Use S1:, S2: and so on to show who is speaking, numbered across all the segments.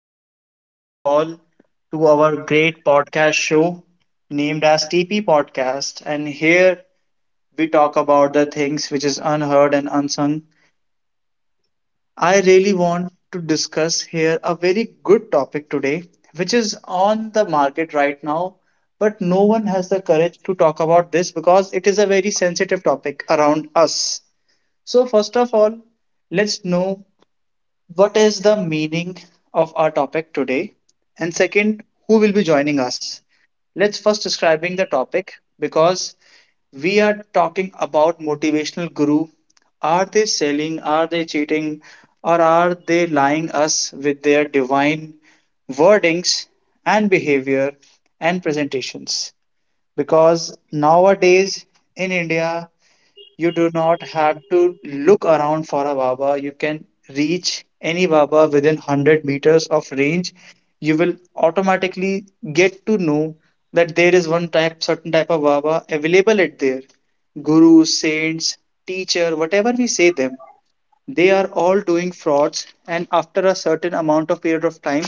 S1: and I'm welcome you all to our great podcast show named as TP Podcast. And here we talk about the things which is unheard and unsung. I really want to discuss here a very good topic today, which is on the market right now, but no one has the courage to talk about this because it is a very sensitive topic around us. So first of all, let's know what is the meaning of our topic today? And second, who will be joining us? Let's first describing the topic because we are talking about motivational guru. Are they selling? Are they cheating? Or are they lying us with their divine wordings and behavior and presentations? Because nowadays in India, you do not have to look around for a Baba. You can reach any Baba within 100 meters of range. You will automatically get to know that there is one type, certain type of Baba available at there. Gurus, saints, teacher, whatever we say them, they are all doing frauds. And after a certain amount of period of time,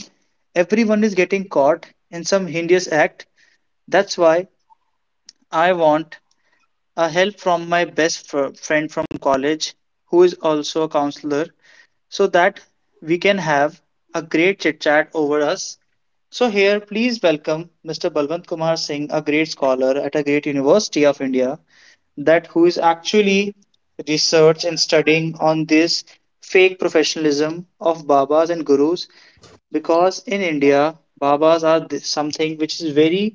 S1: everyone is getting caught in some heinous act. That's why I want a help from my best friend from college, who is also a counselor, so that we can have a great chit chat over us. So, here, please welcome Mr. Balwant Kumar Singh, a great scholar at a great university of India, that who is actually research and studying on this fake professionalism of babas and gurus because in India babas are something which is very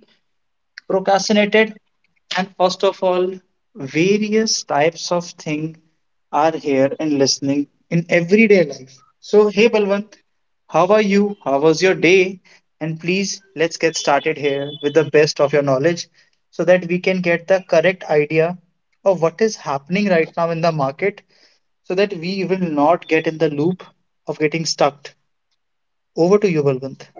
S1: procrastinated, and first of all various types of thing are here in listening in everyday life. So hey Balwant, how are you, how was your day, and please let's get started here with the best of your knowledge so that we can get the correct idea of what is happening right now in the market so that we will not get in the loop of getting stuck. Over to you, Balwant.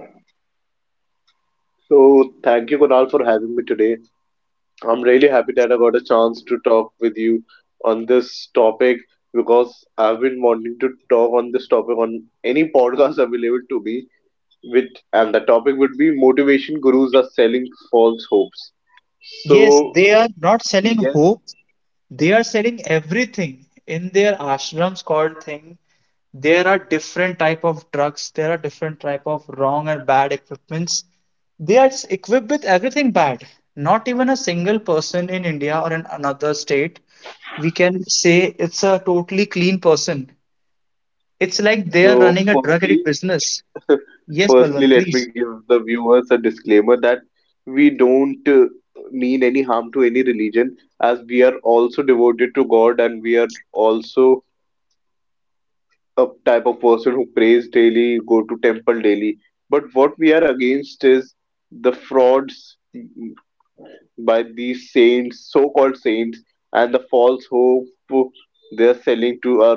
S2: So, thank you, Kunal, for having me today. I'm really happy that I got a chance to talk with you on this topic because I've been wanting to talk on this topic on any podcast available to me. With and the topic would be motivation gurus are selling false hopes.
S1: Yes,
S2: So,
S1: they are not selling
S2: yeah.
S1: hope. They are selling everything in their ashrams called thing. There are different type of drugs. There are different type of wrong and bad equipments. They are equipped with everything bad. Not even a single person in India or in another state we can say it's a totally clean person. It's like they are
S2: So,
S1: running a drug
S2: firstly,
S1: addict business. Yes,
S2: firstly,
S1: Balwant,
S2: let me
S1: please.
S2: give the viewers a disclaimer that we don't mean any harm to any religion, as we are also devoted to God and we are also a type of person who prays daily, go to temple daily. But what we are against is the frauds by these saints, so-called saints, and the false hope they are selling to our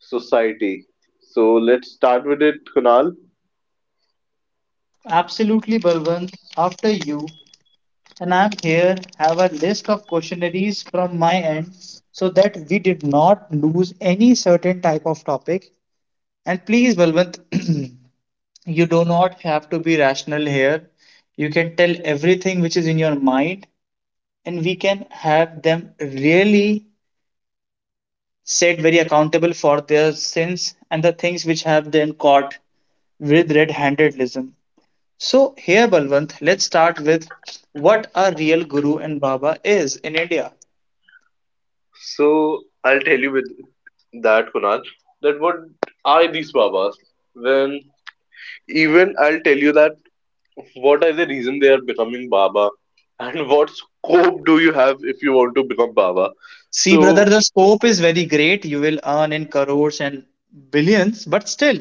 S2: society. So let's start with it, Kunal.
S1: Absolutely, Balwant. After you. And I here have a list of questionnaires from my end so that we did not lose any certain type of topic. And please, Balwant, you do not have to be rational here. You can tell everything which is in your mind, and we can have them really set very accountable for their sins and the things which have them caught with red-handedism. So here, Balwant, let's start with what a real guru and baba is in India.
S2: So I'll tell you with that Kunal, that what are these Babas? Then even I'll tell you that what are the reason they are becoming Baba, and what scope do you have if you want to become Baba?
S1: See, brother,
S2: So
S1: the scope is very great. You will earn in crores and billions, but still,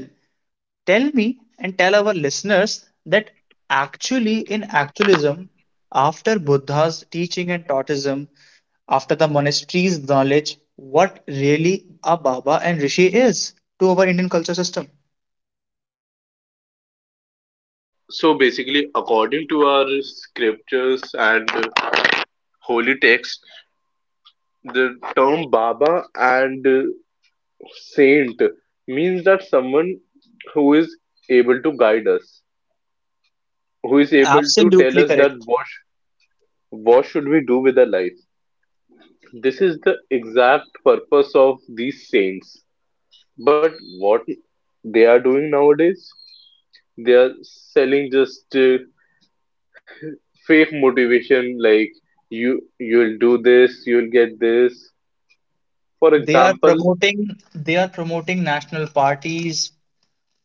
S1: tell me and tell our listeners that actually, in actualism, after Buddha's teaching and Taoism, after the monastery's knowledge, what really a Baba and Rishi is to our Indian culture system.
S2: so basically, according to our scriptures and holy text, the term Baba and saint means that someone who is able to guide us, who is able to tell
S1: Absolutely
S2: us that
S1: correct.
S2: what should we do with our life. This is the exact purpose of these saints. But what they are doing nowadays? They are selling just fake motivation like you'll do this, you'll get this. For
S1: They are
S2: example,
S1: promoting they are promoting national parties,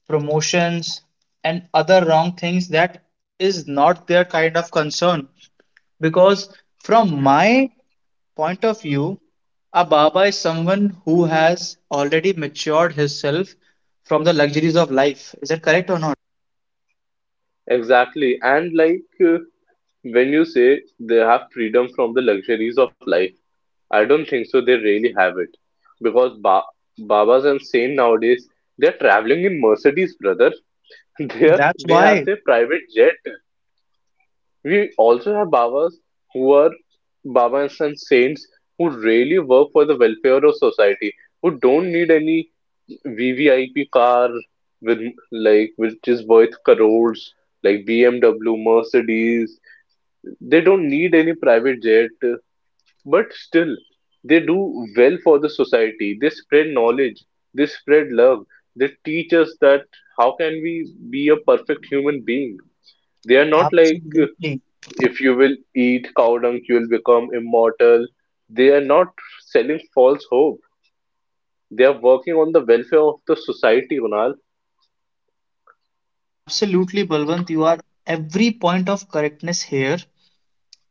S1: promotions and other wrong things that is not their kind of concern because from my point of view a baba is someone who has already matured himself from the luxuries of life. Is that correct or not?
S2: exactly. And like when you say they have freedom from the luxuries of life, I don't think so they really have it. Because ba- Babas and saint nowadays they're traveling in Mercedes, brother. They are,
S1: That's
S2: they have
S1: why
S2: their private jet. We also have Babas who are Babas and saints who really work for the welfare of society, who don't need any VVIP car with like which is worth crores, like BMW, Mercedes. They don't need any private jet, but still they do well for the society. They spread knowledge, they spread love, they teach us that how can we be a perfect human being. They are not like
S1: absolutely.
S2: if you will eat cow dung, you will become immortal. They are not selling false hope. They are working on the welfare of the society, Kunal.
S1: Absolutely Balwant, you are every point of correctness here,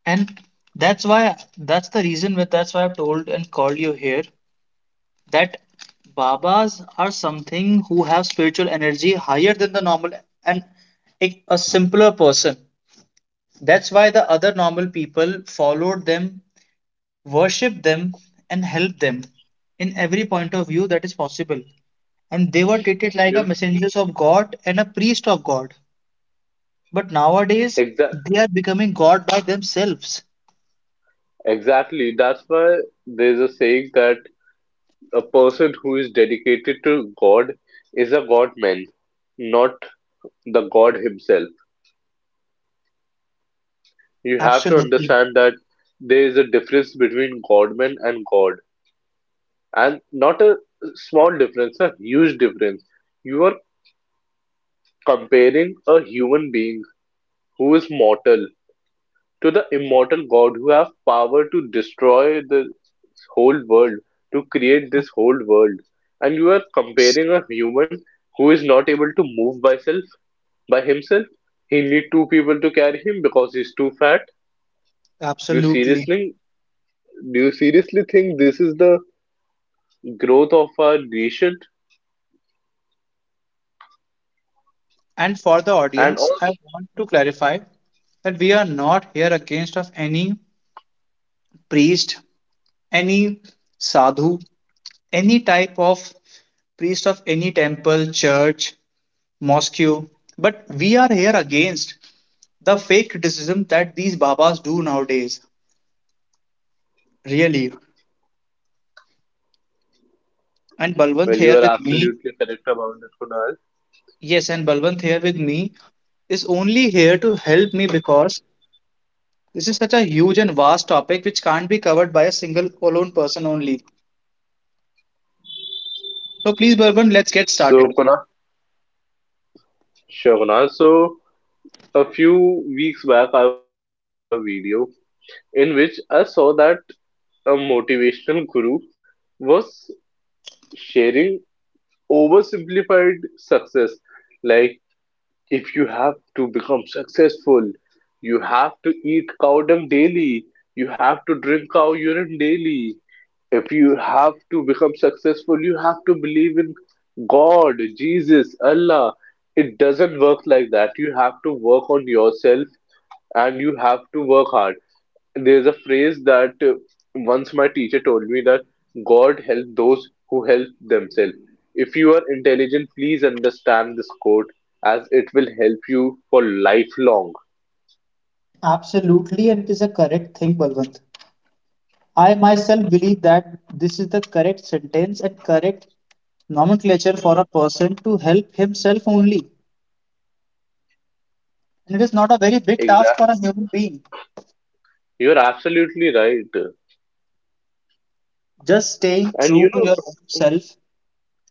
S1: and that's why, that's the reason with, that's why I've told and called you here that Babas are something who have spiritual energy higher than the normal and a simpler person. That's why the other normal people followed them, worshipped them, and helped them in every point of view that is possible. And they were treated like a
S2: You'll
S1: messengers of God and a priest of God. But nowadays,
S2: exa-
S1: they are becoming God by themselves.
S2: exactly. That's why there's a saying that a person who is dedicated to God is a God man, not the God himself. You have to
S1: Absolutely.
S2: understand that there is a difference between Godman and God, and not a small difference, a huge difference. You are comparing a human being who is mortal, to the immortal God who have power to destroy this whole world, to create this whole world. And you are
S1: Abs-
S2: comparing a human who is not able to move by self by himself. He need two people to carry him because he's too fat. Do you
S1: Absolutely.
S2: seriously do you seriously think this is the growth of our nation?
S1: And for the
S2: And
S1: audience,
S2: also,
S1: I want to clarify that we are not here against of any priest, any sadhu, any type of priest of any temple, church, mosque, but we are here against the fake criticism that these babas do nowadays. Really. And
S2: well,
S1: Balwant
S2: you
S1: here
S2: are
S1: with me,
S2: absolutely correct about it, Kunal.
S1: yes, and Balwant here with me is only here to help me because this is such a huge and vast topic which can't be covered by a single alone person only. So please, Balwant, let's get
S2: So
S1: started.
S2: Kunal, sure Kunal. So a few weeks back I was looking at a video in which I saw that a motivational guru was sharing oversimplified success. Like, if you have to become successful, you have to eat cow dung daily, you have to drink cow urine daily, if you have to become successful, you have to believe in God, Jesus, Allah. It doesn't work like that. You have to work on yourself and you have to work hard. There's a phrase that once my teacher told me that God help those who help themselves. If you are intelligent, please understand this quote as it will help you for lifelong.
S1: Absolutely, and it is a correct thing, Balwant. I myself believe that this is the correct sentence and correct nomenclature for a person to help himself only. And it is not a very big task
S2: Exactly.
S1: for a human being.
S2: You're absolutely right.
S1: Just staying
S2: And
S1: true
S2: you
S1: to
S2: know,
S1: your own self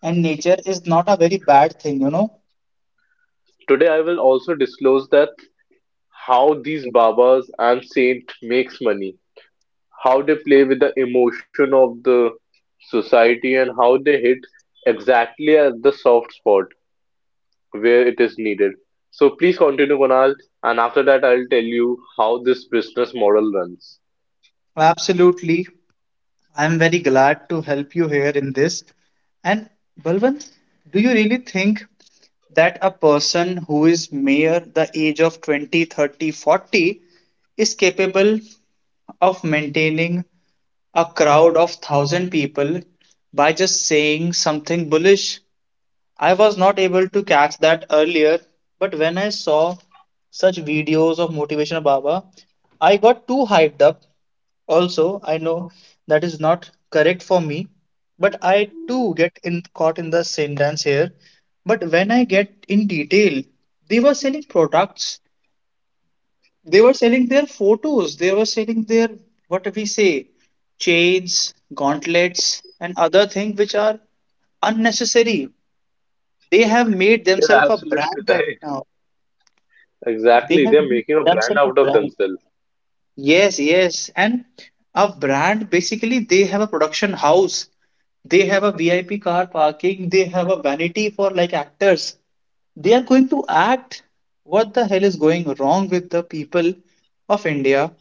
S1: and nature is not a very bad thing, you know.
S2: today I will also disclose that how these babas and saint makes money, how they play with the emotion of the society and how they hit exactly at the soft spot where it is needed. So please continue, Kunal, and after that I'll tell you how this business model runs.
S1: Absolutely. I'm very glad to help you here in this. And Balwant, do you really think that a person who is mere the age of 20, 30, 40, is capable of maintaining a crowd of 1,000 people by just saying something bullish? I was not able to catch that earlier, but when I saw such videos of motivational Baba, I got too hyped up. Also, I know that is not correct for me, but I too get in, caught in the same dance here. But when I get in detail, they were selling products, they were selling their photos, they were selling their what we say chains, gauntlets, and other things which are unnecessary. They have made
S2: You're
S1: themselves a
S2: absolutely
S1: brand right
S2: right.
S1: now. They
S2: Exactly,
S1: have
S2: they're
S1: made
S2: making a brand
S1: themselves a
S2: out of
S1: brand.
S2: themselves.
S1: Yes, yes. And a brand, basically, they have a production house. They have a VIP car parking. They have a vanity for like actors. They are going to act. What the hell is going wrong with the people of India?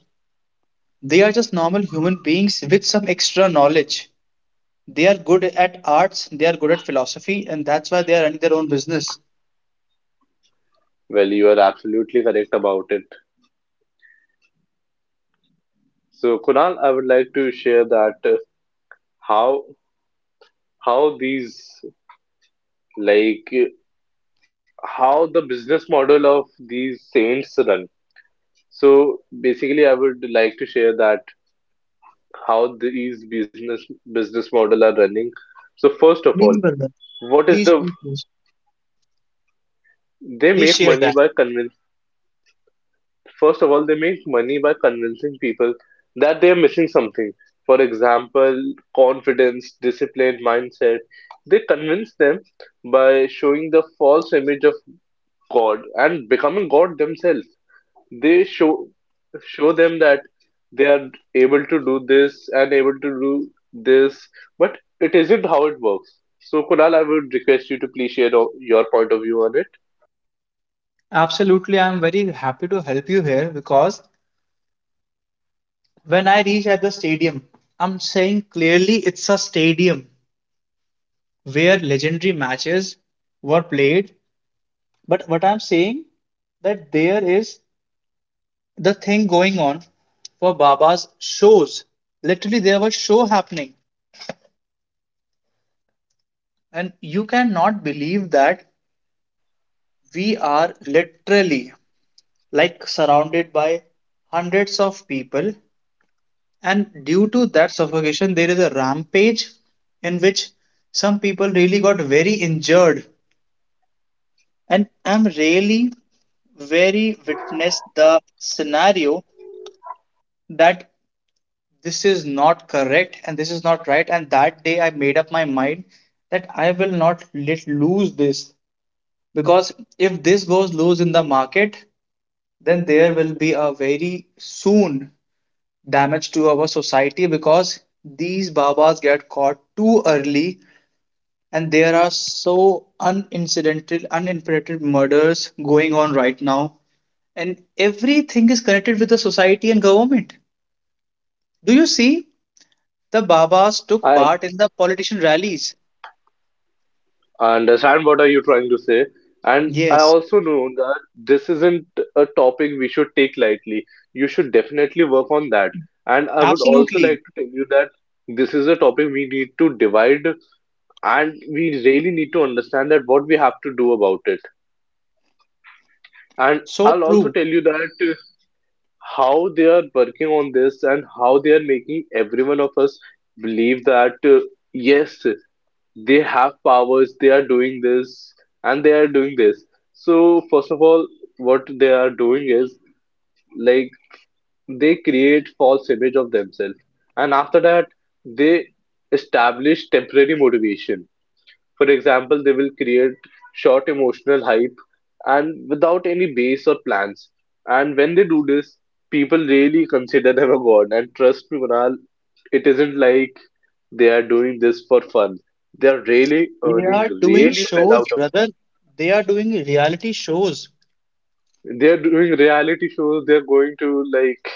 S1: They are just normal human beings with some extra knowledge. They are good at arts. They are good at philosophy. And that's why they are running their own business.
S2: Well, you are absolutely correct about it. So, Kunal, I would like to share that how how these like how the business model of these saints run. So basically, I would like to share that how these business model are running. So first of all,
S1: Please, brother.
S2: what is
S1: Please,
S2: the
S1: please. please.
S2: they
S1: Please
S2: make
S1: share
S2: money
S1: that.
S2: by convince. First of all, they make money by convincing people that they are missing something. For example, confidence, discipline, mindset. They convince them by showing the false image of God and becoming God themselves. They show them that they are able to do this and able to do this, but it isn't how it works. So Kunal, I would request you to please share your point of view on it.
S1: Absolutely, I'm very happy to help you here because when I reach at the stadium, I'm saying clearly it's a stadium where legendary matches were played. But what I'm saying that there is the thing going on for Baba's shows. Literally, there was show happening, and you cannot believe that we are literally like surrounded by hundreds of people. And due to that suffocation, there is a rampage in which some people really got very injured. And I'm really very witnessed the scenario that this is not correct and this is not right. And that day I made up my mind that I will not let lose this because if this goes loose in the market, then there will be a very soon damage to our society because these babas get caught too early and there are so unincidental, unimperated murders going on right now, and everything is connected with the society and government. Do you see? The Babas took
S2: I
S1: part in the politician rallies.
S2: understand what are you trying to say, and I
S1: Yes,
S2: also know that this isn't a topic we should take lightly. You should definitely work on that. And I would also like
S1: absolutely.
S2: to tell you that this is a topic we need to divide, and we really need to understand that what we have to do about it. And
S1: So
S2: I'll also
S1: true.
S2: tell you that how they are working on this and how they are making every one of us believe that yes, they have powers, they are doing this, and they are doing this. So, first of all, what they are doing is like they create false image of themselves, and after that, they establish temporary motivation for example, they will create short emotional hype and without any base or plans. And when they do this, people really consider them a god. And trust me, Kunal, it isn't like they are doing this for fun. They are really
S1: They
S2: earning
S1: are doing
S2: really well
S1: shows,
S2: out of
S1: brother. They are doing reality shows.
S2: it. They are doing reality shows, they are going to like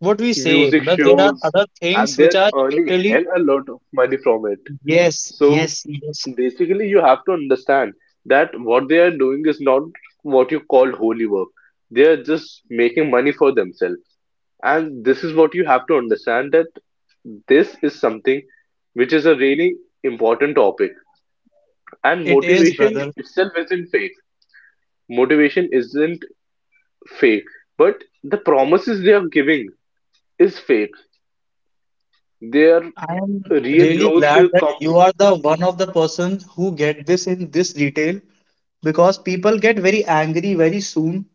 S1: What we say,
S2: music
S1: but there are
S2: shows,
S1: other
S2: and
S1: things which
S2: they're
S1: are
S2: earning
S1: literally.
S2: hell a lot of money from it.
S1: Yes,
S2: So
S1: yes, yes.
S2: basically you have to understand that what they are doing is not what you call holy work. They are just making money for themselves and this is what you have to understand that this is something which is a really important topic and
S1: It is,
S2: motivation
S1: brother.
S2: itself isn't fake. Motivation isn't fake, but the promises they are giving is fake. Their
S1: I am
S2: real
S1: really
S2: growth
S1: glad that
S2: comes
S1: you are the one of the persons who get this in this detail because people get very angry very soon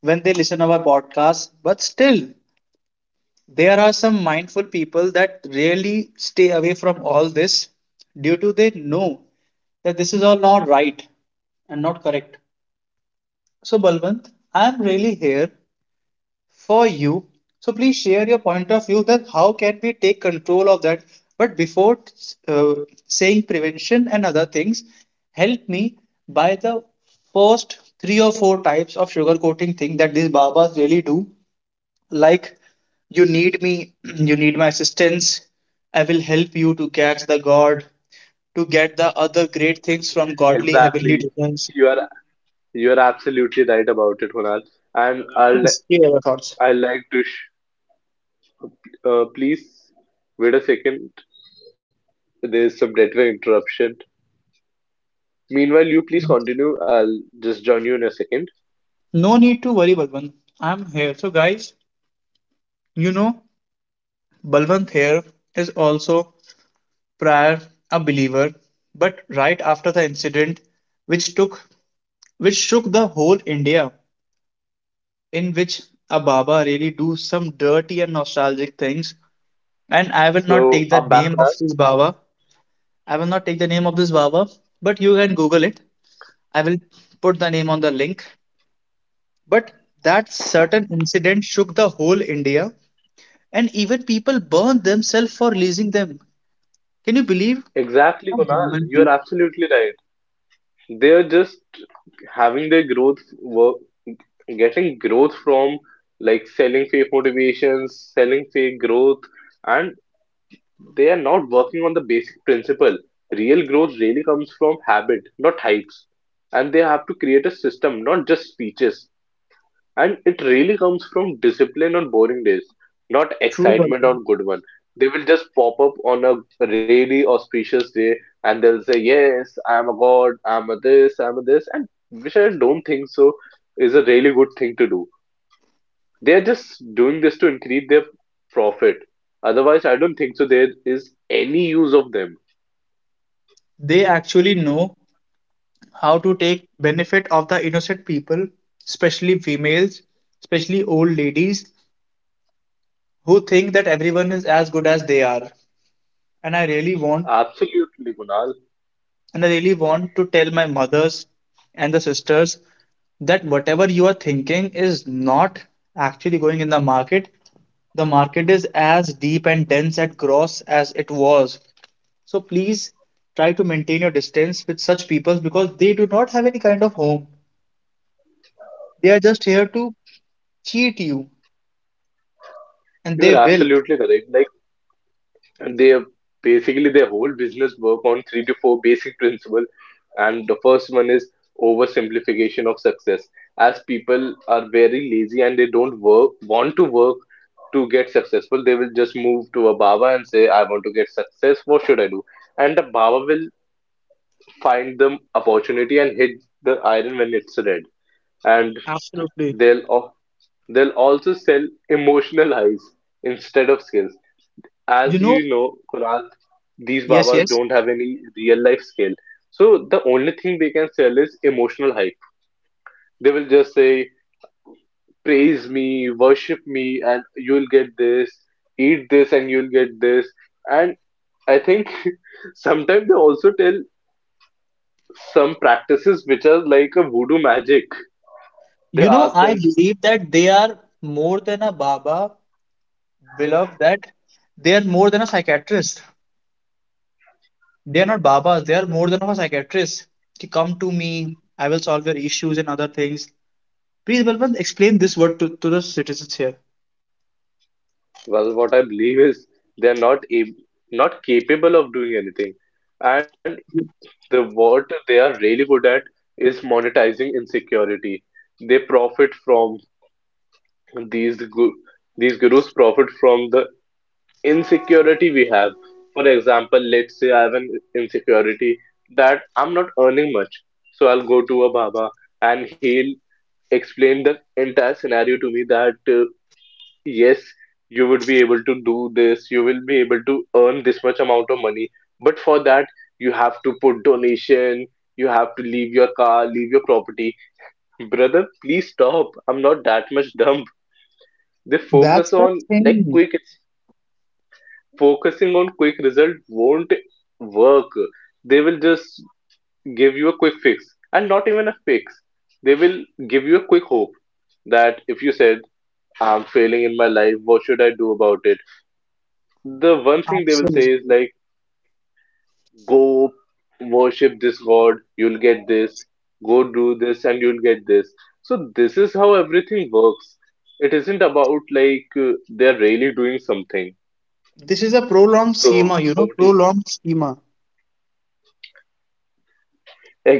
S1: when they listen our podcast. But still, there are some mindful people that really stay away from all this due to they know that this is all not right and not correct. So, Balwant, I am really here for you. So please share your point of view that how can we take control of that. But before uh, saying prevention and other things, help me by the first three or four types of sugarcoating thing that these babas really do. Like you need me, you need my assistance. I will help you to catch the God, to get the other great things from godly heavenly
S2: exactly.
S1: designs.
S2: You are you are absolutely right about it, Hunal, and I'll
S1: Please share your thoughts.
S2: I like to. Please wait a second. There's some network interruption. Meanwhile, you please continue. I'll just join you in a second.
S1: No need to worry, Bhagwan. I'm here. So guys, you know Balwant here is also prior a believer, but right after the incident which took, which shook the whole India, in which a Baba really do some dirty and nostalgic things. And I will not
S2: So
S1: take the
S2: I'm back,
S1: name of
S2: Kunal.
S1: this Baba. I will not take the name of this Baba, but you can Google it. I will put the name on the link. But that certain incident shook the whole India, and even people burned themselves for releasing them. Can you believe?
S2: Exactly,
S1: A
S2: Kunal.
S1: human
S2: You are
S1: being.
S2: absolutely right. They are just having their growth work, getting growth from like selling fake motivations, selling fake growth, and they are not working on the basic principle. Real growth really comes from habit, not hypes and they have to create a system, not just speeches. And it really comes from discipline on boring days, not
S1: True,
S2: excitement
S1: Balwant.
S2: on good one. They will just pop up on a really auspicious day and they'll say, "Yes, I'm a god, I'm a this, I'm a this," and which I don't think so is a really good thing to do. They're just doing this to increase their profit. Otherwise, I don't think so there is any use of them.
S1: They actually know how to take benefit of the innocent people, especially females, especially old ladies who think that everyone is as good as they are. And I really want,
S2: Absolutely, Kunal.
S1: and I really want to tell my mothers and the sisters that whatever you are thinking is not actually going in the market. The market is as deep and dense and gross as it was. So please try to maintain your distance with such people because they do not have any kind of home. They are just here to cheat you, and
S2: You're
S1: they will.
S2: absolutely correct. Like and they basically their whole business work on three to four basic principles and the first one is oversimplification of success as people are very lazy and they don't work want to work to get successful. They will just move to a baba and say, "I want to get success, what should I do?" And the baba will find them opportunity and hit the iron when it's red. And
S1: Absolutely.
S2: they'll al- they'll also sell emotional highs instead of skills.
S1: You
S2: As
S1: know,
S2: you know, Kunal, these
S1: yes,
S2: Babas
S1: yes.
S2: don't have any real life skill. So the only thing they can sell is emotional hype. They will just say, praise me, worship me, and you'll get this, eat this, and you'll get this. And I think sometimes they also tell some practices which are like a voodoo magic. They
S1: You know,
S2: ask
S1: I
S2: them,
S1: believe that they are more than a Baba, beloved, that they are more than a psychiatrist. They are not Babas, they are more than a psychiatrist. To come to me, I will solve your issues and other things. Please, Balwant, explain this word to the citizens here.
S2: well, what I believe is they're not ab- not capable of doing anything. And the what they are really good at is monetizing insecurity. They profit from these gu- these gurus profit from the insecurity we have. For example, let's say I have an insecurity that I'm not earning much, so I'll go to a Baba and he'll explain the entire scenario to me that yes, you would be able to do this, you will be able to earn this much amount of money, but for that you have to put donation, you have to leave your car, leave your property. Brother, please stop, I'm not that much dumb. They
S1: That's
S2: focus
S1: the
S2: on like
S1: thing.
S2: quick, focusing on quick result won't work. They will just give you a quick fix, and not even a fix, they will give you a quick hope that if you said I'm failing in my life what should I do about it, the one thing they will say is
S1: Absolutely.
S2: like go worship this god, you'll get this, go do this and you'll get this. So this is how everything works. It isn't about like they're really doing something.
S1: This is a prolonged
S2: So
S1: schema,
S2: over to you.
S1: prolonged schema.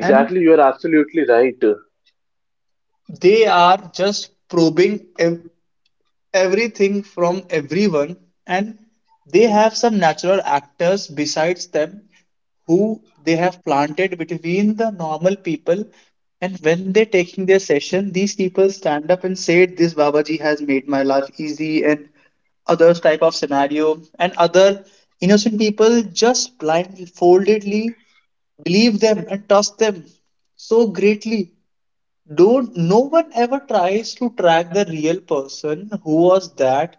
S1: And
S2: you are absolutely right.
S1: they are just everything from everyone, and they have some natural actors besides them who they have planted between the normal people. And when they're taking their session, these people stand up and say, this Babaji has made my life easy, and other type of scenario and other innocent people just blindfoldedly believe them and trust them so greatly, don't no one ever tries to track the real person who was that,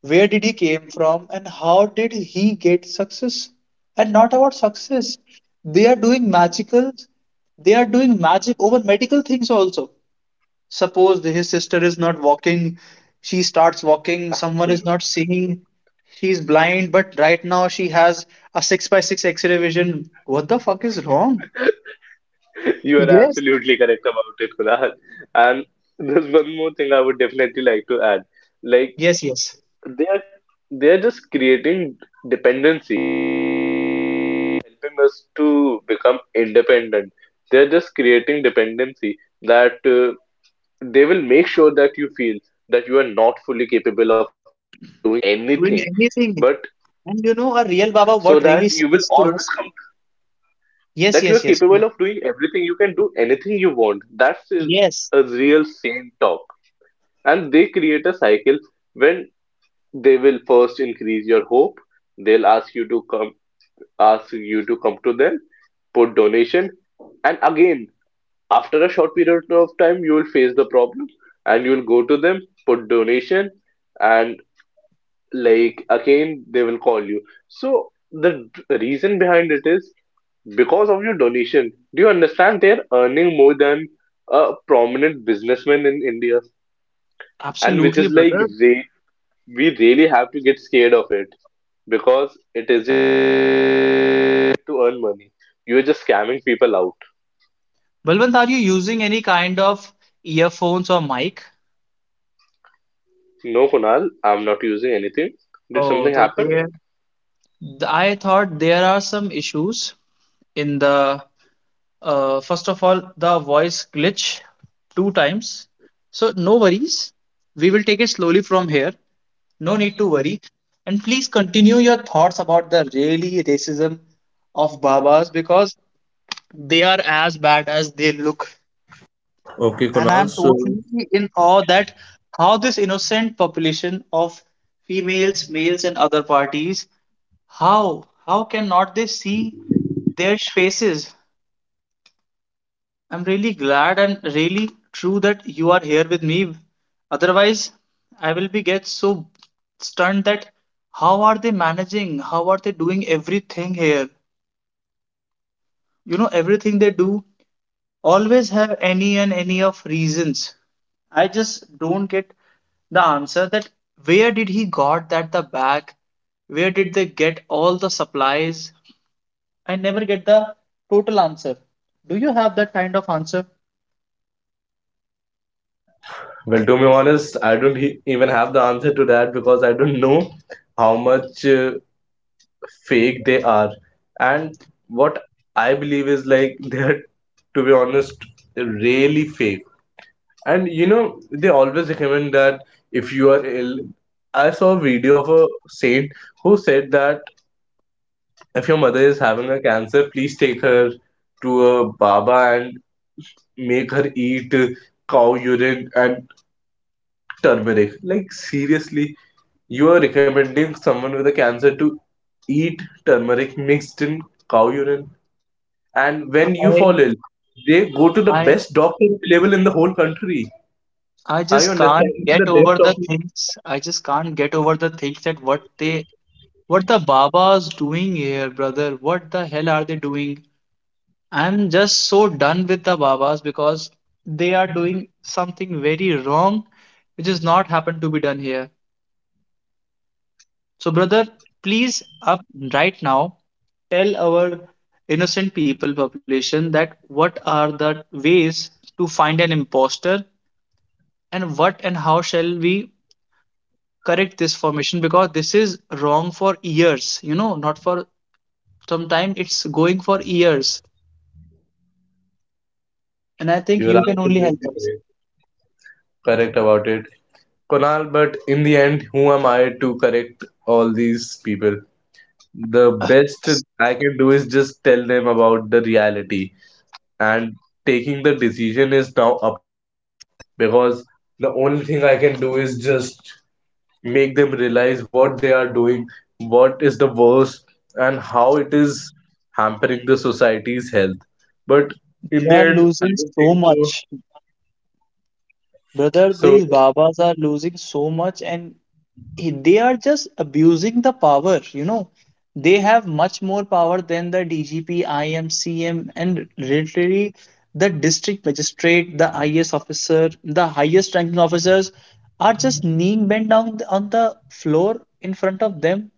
S1: where did he came from, and how did he get success? And not about success. They are doing magicals, they are doing magic over medical things also. Suppose his sister is not walking, she starts walking, someone is
S2: Absolutely.
S1: not seeing, she's blind, but right now she has a 6 by 6 X-ray vision. What the fuck is wrong?
S2: You are
S1: Yes.
S2: absolutely correct about it, Kunal. And there's one more thing I would definitely like to add, like,
S1: Yes, yes.
S2: they are they are just creating dependency, helping us to become independent. They're just creating dependency that they will make sure that you feel that you are not fully capable of doing
S1: Doing
S2: anything,
S1: anything.
S2: but
S1: And you know, a real Baba,
S2: so
S1: what
S2: that
S1: really
S2: you will
S1: says to
S2: always
S1: us?
S2: come, that
S1: Yes,
S2: you are
S1: yes, yes.
S2: capable
S1: No,
S2: of doing everything. You can do anything you want. That's
S1: yes,
S2: a real sane talk. And they create a cycle when they will first increase your hope. They'll ask you to come, ask you to come to them, put donation, and again, after a short period of time, you will face the problem and you will go to them, put donation, and like again, they will call you. So, the reason behind it is because of your donation. Do you understand? They're earning more than a prominent businessman in India, and which
S1: absolutely,
S2: is like
S1: brother.
S2: we really have to get scared of it, because it isn't to earn money. You're just scamming people out.
S1: Balwant, are you using any kind of earphones or mic?
S2: No, Kunal, I'm not using anything. Did
S1: Oh,
S2: something
S1: so
S2: happen?
S1: there, I thought there are some issues in the, first of all, the voice glitch two times. So no worries. We will take it slowly from here. No need to worry. And please continue your thoughts about the really racism of Babas because they are as bad as they look, and I'm totally in awe that how this innocent population of females, males, and other parties, how can not they see their faces? I'm really glad and really true that you are here with me. Otherwise, I will be get so stunned that how are they managing? How are they doing everything here? You know everything they do always have any and any of reasons. I just don't get the answer that where did he got that the bag? Where did they get all the supplies? I never get the total answer. Do you have that kind of answer?
S2: Well, to be honest, I don't even have the answer to that, because I don't know how much fake they are. And what I believe is like they're, to be honest, really fake. And you know, they always recommend that if you are ill. I saw a video of a saint who said that if your mother is having a cancer, please take her to a Baba and make her eat cow urine and turmeric. Like, seriously, you are recommending someone with a cancer to eat turmeric mixed in cow urine? And when you
S1: I
S2: fall ill, they go to the
S1: I
S2: best doctor available in the whole country.
S1: I
S2: Are you
S1: just can't
S2: understanding
S1: get
S2: the depth
S1: over the
S2: of it?
S1: things. I just can't get over the things that what they, what the Baba's doing here, brother. What the hell are they doing? I'm just so done with the Babas because they are doing something very wrong, which is not happened to be done here. So, brother, please up right now, tell our innocent people population that what are the ways to find an imposter and what and how shall we correct this formation because this is wrong for years, you know, not for some time, it's going for years. And I think
S2: You are
S1: you can only help
S2: absolutely
S1: us.
S2: correct, correct about it, Konal. But in the end, who am I to correct all these people? The best I can do is just tell them about the reality. And taking the decision is now up to them, because the only thing I can do is just make them realize what they are doing, what is the worst, and how it is hampering the society's health. But in
S1: We
S2: the
S1: are
S2: end, I
S1: losing
S2: don't
S1: so
S2: think so.
S1: much. Brother,
S2: So
S1: these Babas are losing so much and they are just abusing the power, you know. They have much more power than the DGP, IM, and literally the district magistrate, the IS officer, the highest ranking officers are just kneeling bent down on the floor in front of them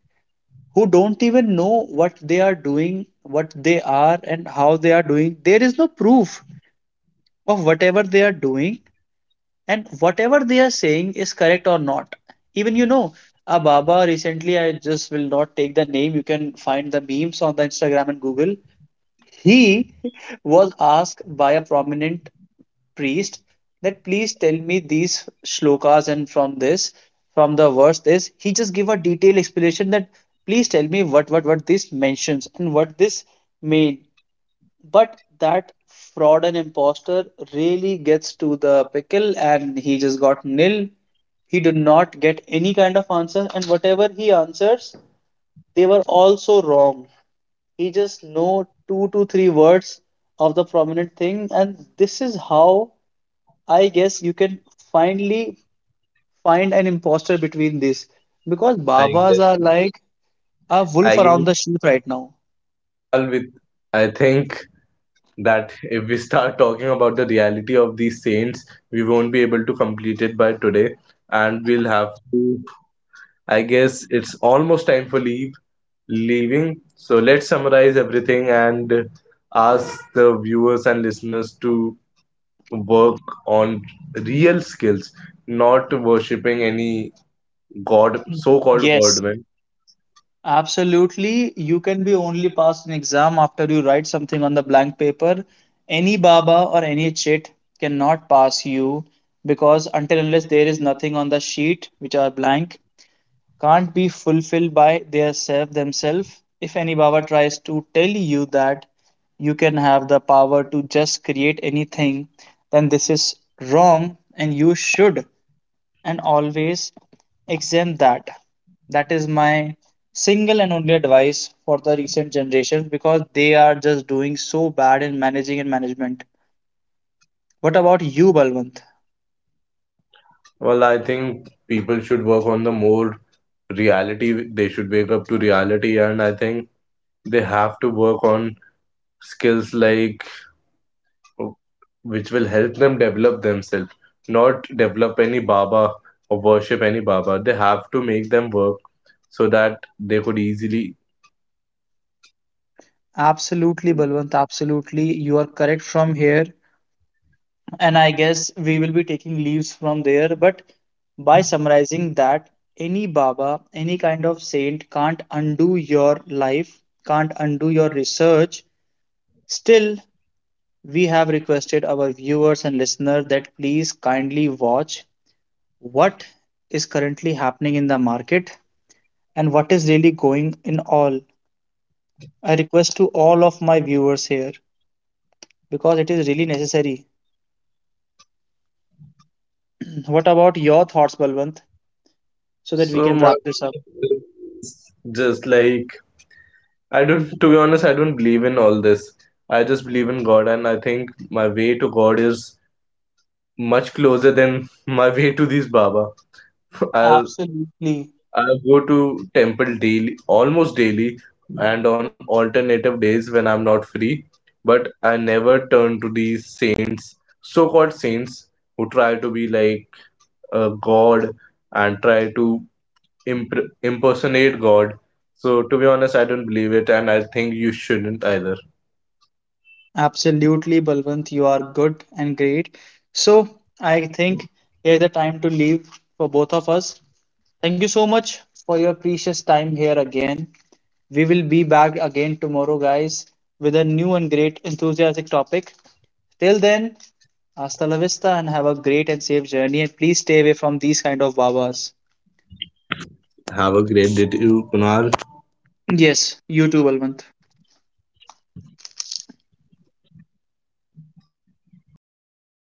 S1: who don't even know what they are doing, what they are, and how they are doing. There is no proof of whatever they are doing and whatever they are saying is correct or not. Even you know a baba recently, I just will not take the name, you can find the memes on the Instagram and Google. He was asked by a prominent priest that, please tell me these shlokas and from this, from the verse this, he just give a detailed explanation that please tell me what this mentions and what this mean, but that fraud and imposter really gets to the pickle and he just got nil. He did not get any kind of answer, and whatever he answers, they were also wrong. He just know two to three words of the prominent thing, and this is how I guess you can finally find an imposter between this because Babas
S2: I
S1: are like a wolf
S2: I give
S1: around
S2: it
S1: the sheep right now.
S2: all with, I think that if we start talking about the reality of these saints, we won't be able to complete it by today, and we'll have to, I guess it's almost time for leave leaving. So let's summarize everything and ask the viewers and listeners to work on real skills, not worshipping any god, so-called
S1: Yes,
S2: godman.
S1: absolutely, you can be only passed an exam after you write something on the blank paper. Any baba or any chit cannot pass you because until unless there is nothing on the sheet which are blank, can't be fulfilled by their self themselves. If any baba tries to tell you that you can have the power to just create anything, then this is wrong and you should and always exempt that. That is my single and only advice for the recent generation because they are just doing so bad in managing and management. What about you, Balwant?
S2: Well, I think people should work on the more reality. They should wake up to reality, and I think they have to work on skills like which will help them develop themselves, not develop any Baba or worship any Baba. They have to make them work so that they could easily.
S1: Absolutely, Balwant, absolutely. You are correct from here. And I guess we will be taking leaves from there. But by summarizing that, any Baba, any kind of saint can't undo your life, can't undo your research. Still, we have requested our viewers and listeners that please kindly watch what is currently happening in the market and what is really going in all. I request to all of my viewers here because it is really necessary. What about your thoughts, Balwant, so that we
S2: So,
S1: can
S2: my,
S1: wrap this up?
S2: just like, I don't, to be honest, I don't believe in all this. I just believe in God, and I think my way to God is much closer than my way to these Baba. I,
S1: Absolutely,
S2: I go to temple daily, almost daily, and on alternative days when I'm not free. But I never turn to these saints, so-called saints, who try to be like a god and try to impersonate God. So to be honest, I don't believe it, and I think you shouldn't either.
S1: absolutely, Balwant, you are good and great. So I think here's the time to leave for both of us. Thank you so much for your precious time here again. We will be back again tomorrow, guys, with a new and great enthusiastic topic. Till then, hasta la vista and have a great and safe journey. And please stay away from these kind of babas.
S2: Have a great day, to you, Kunal.
S1: Yes, you too, Balwant.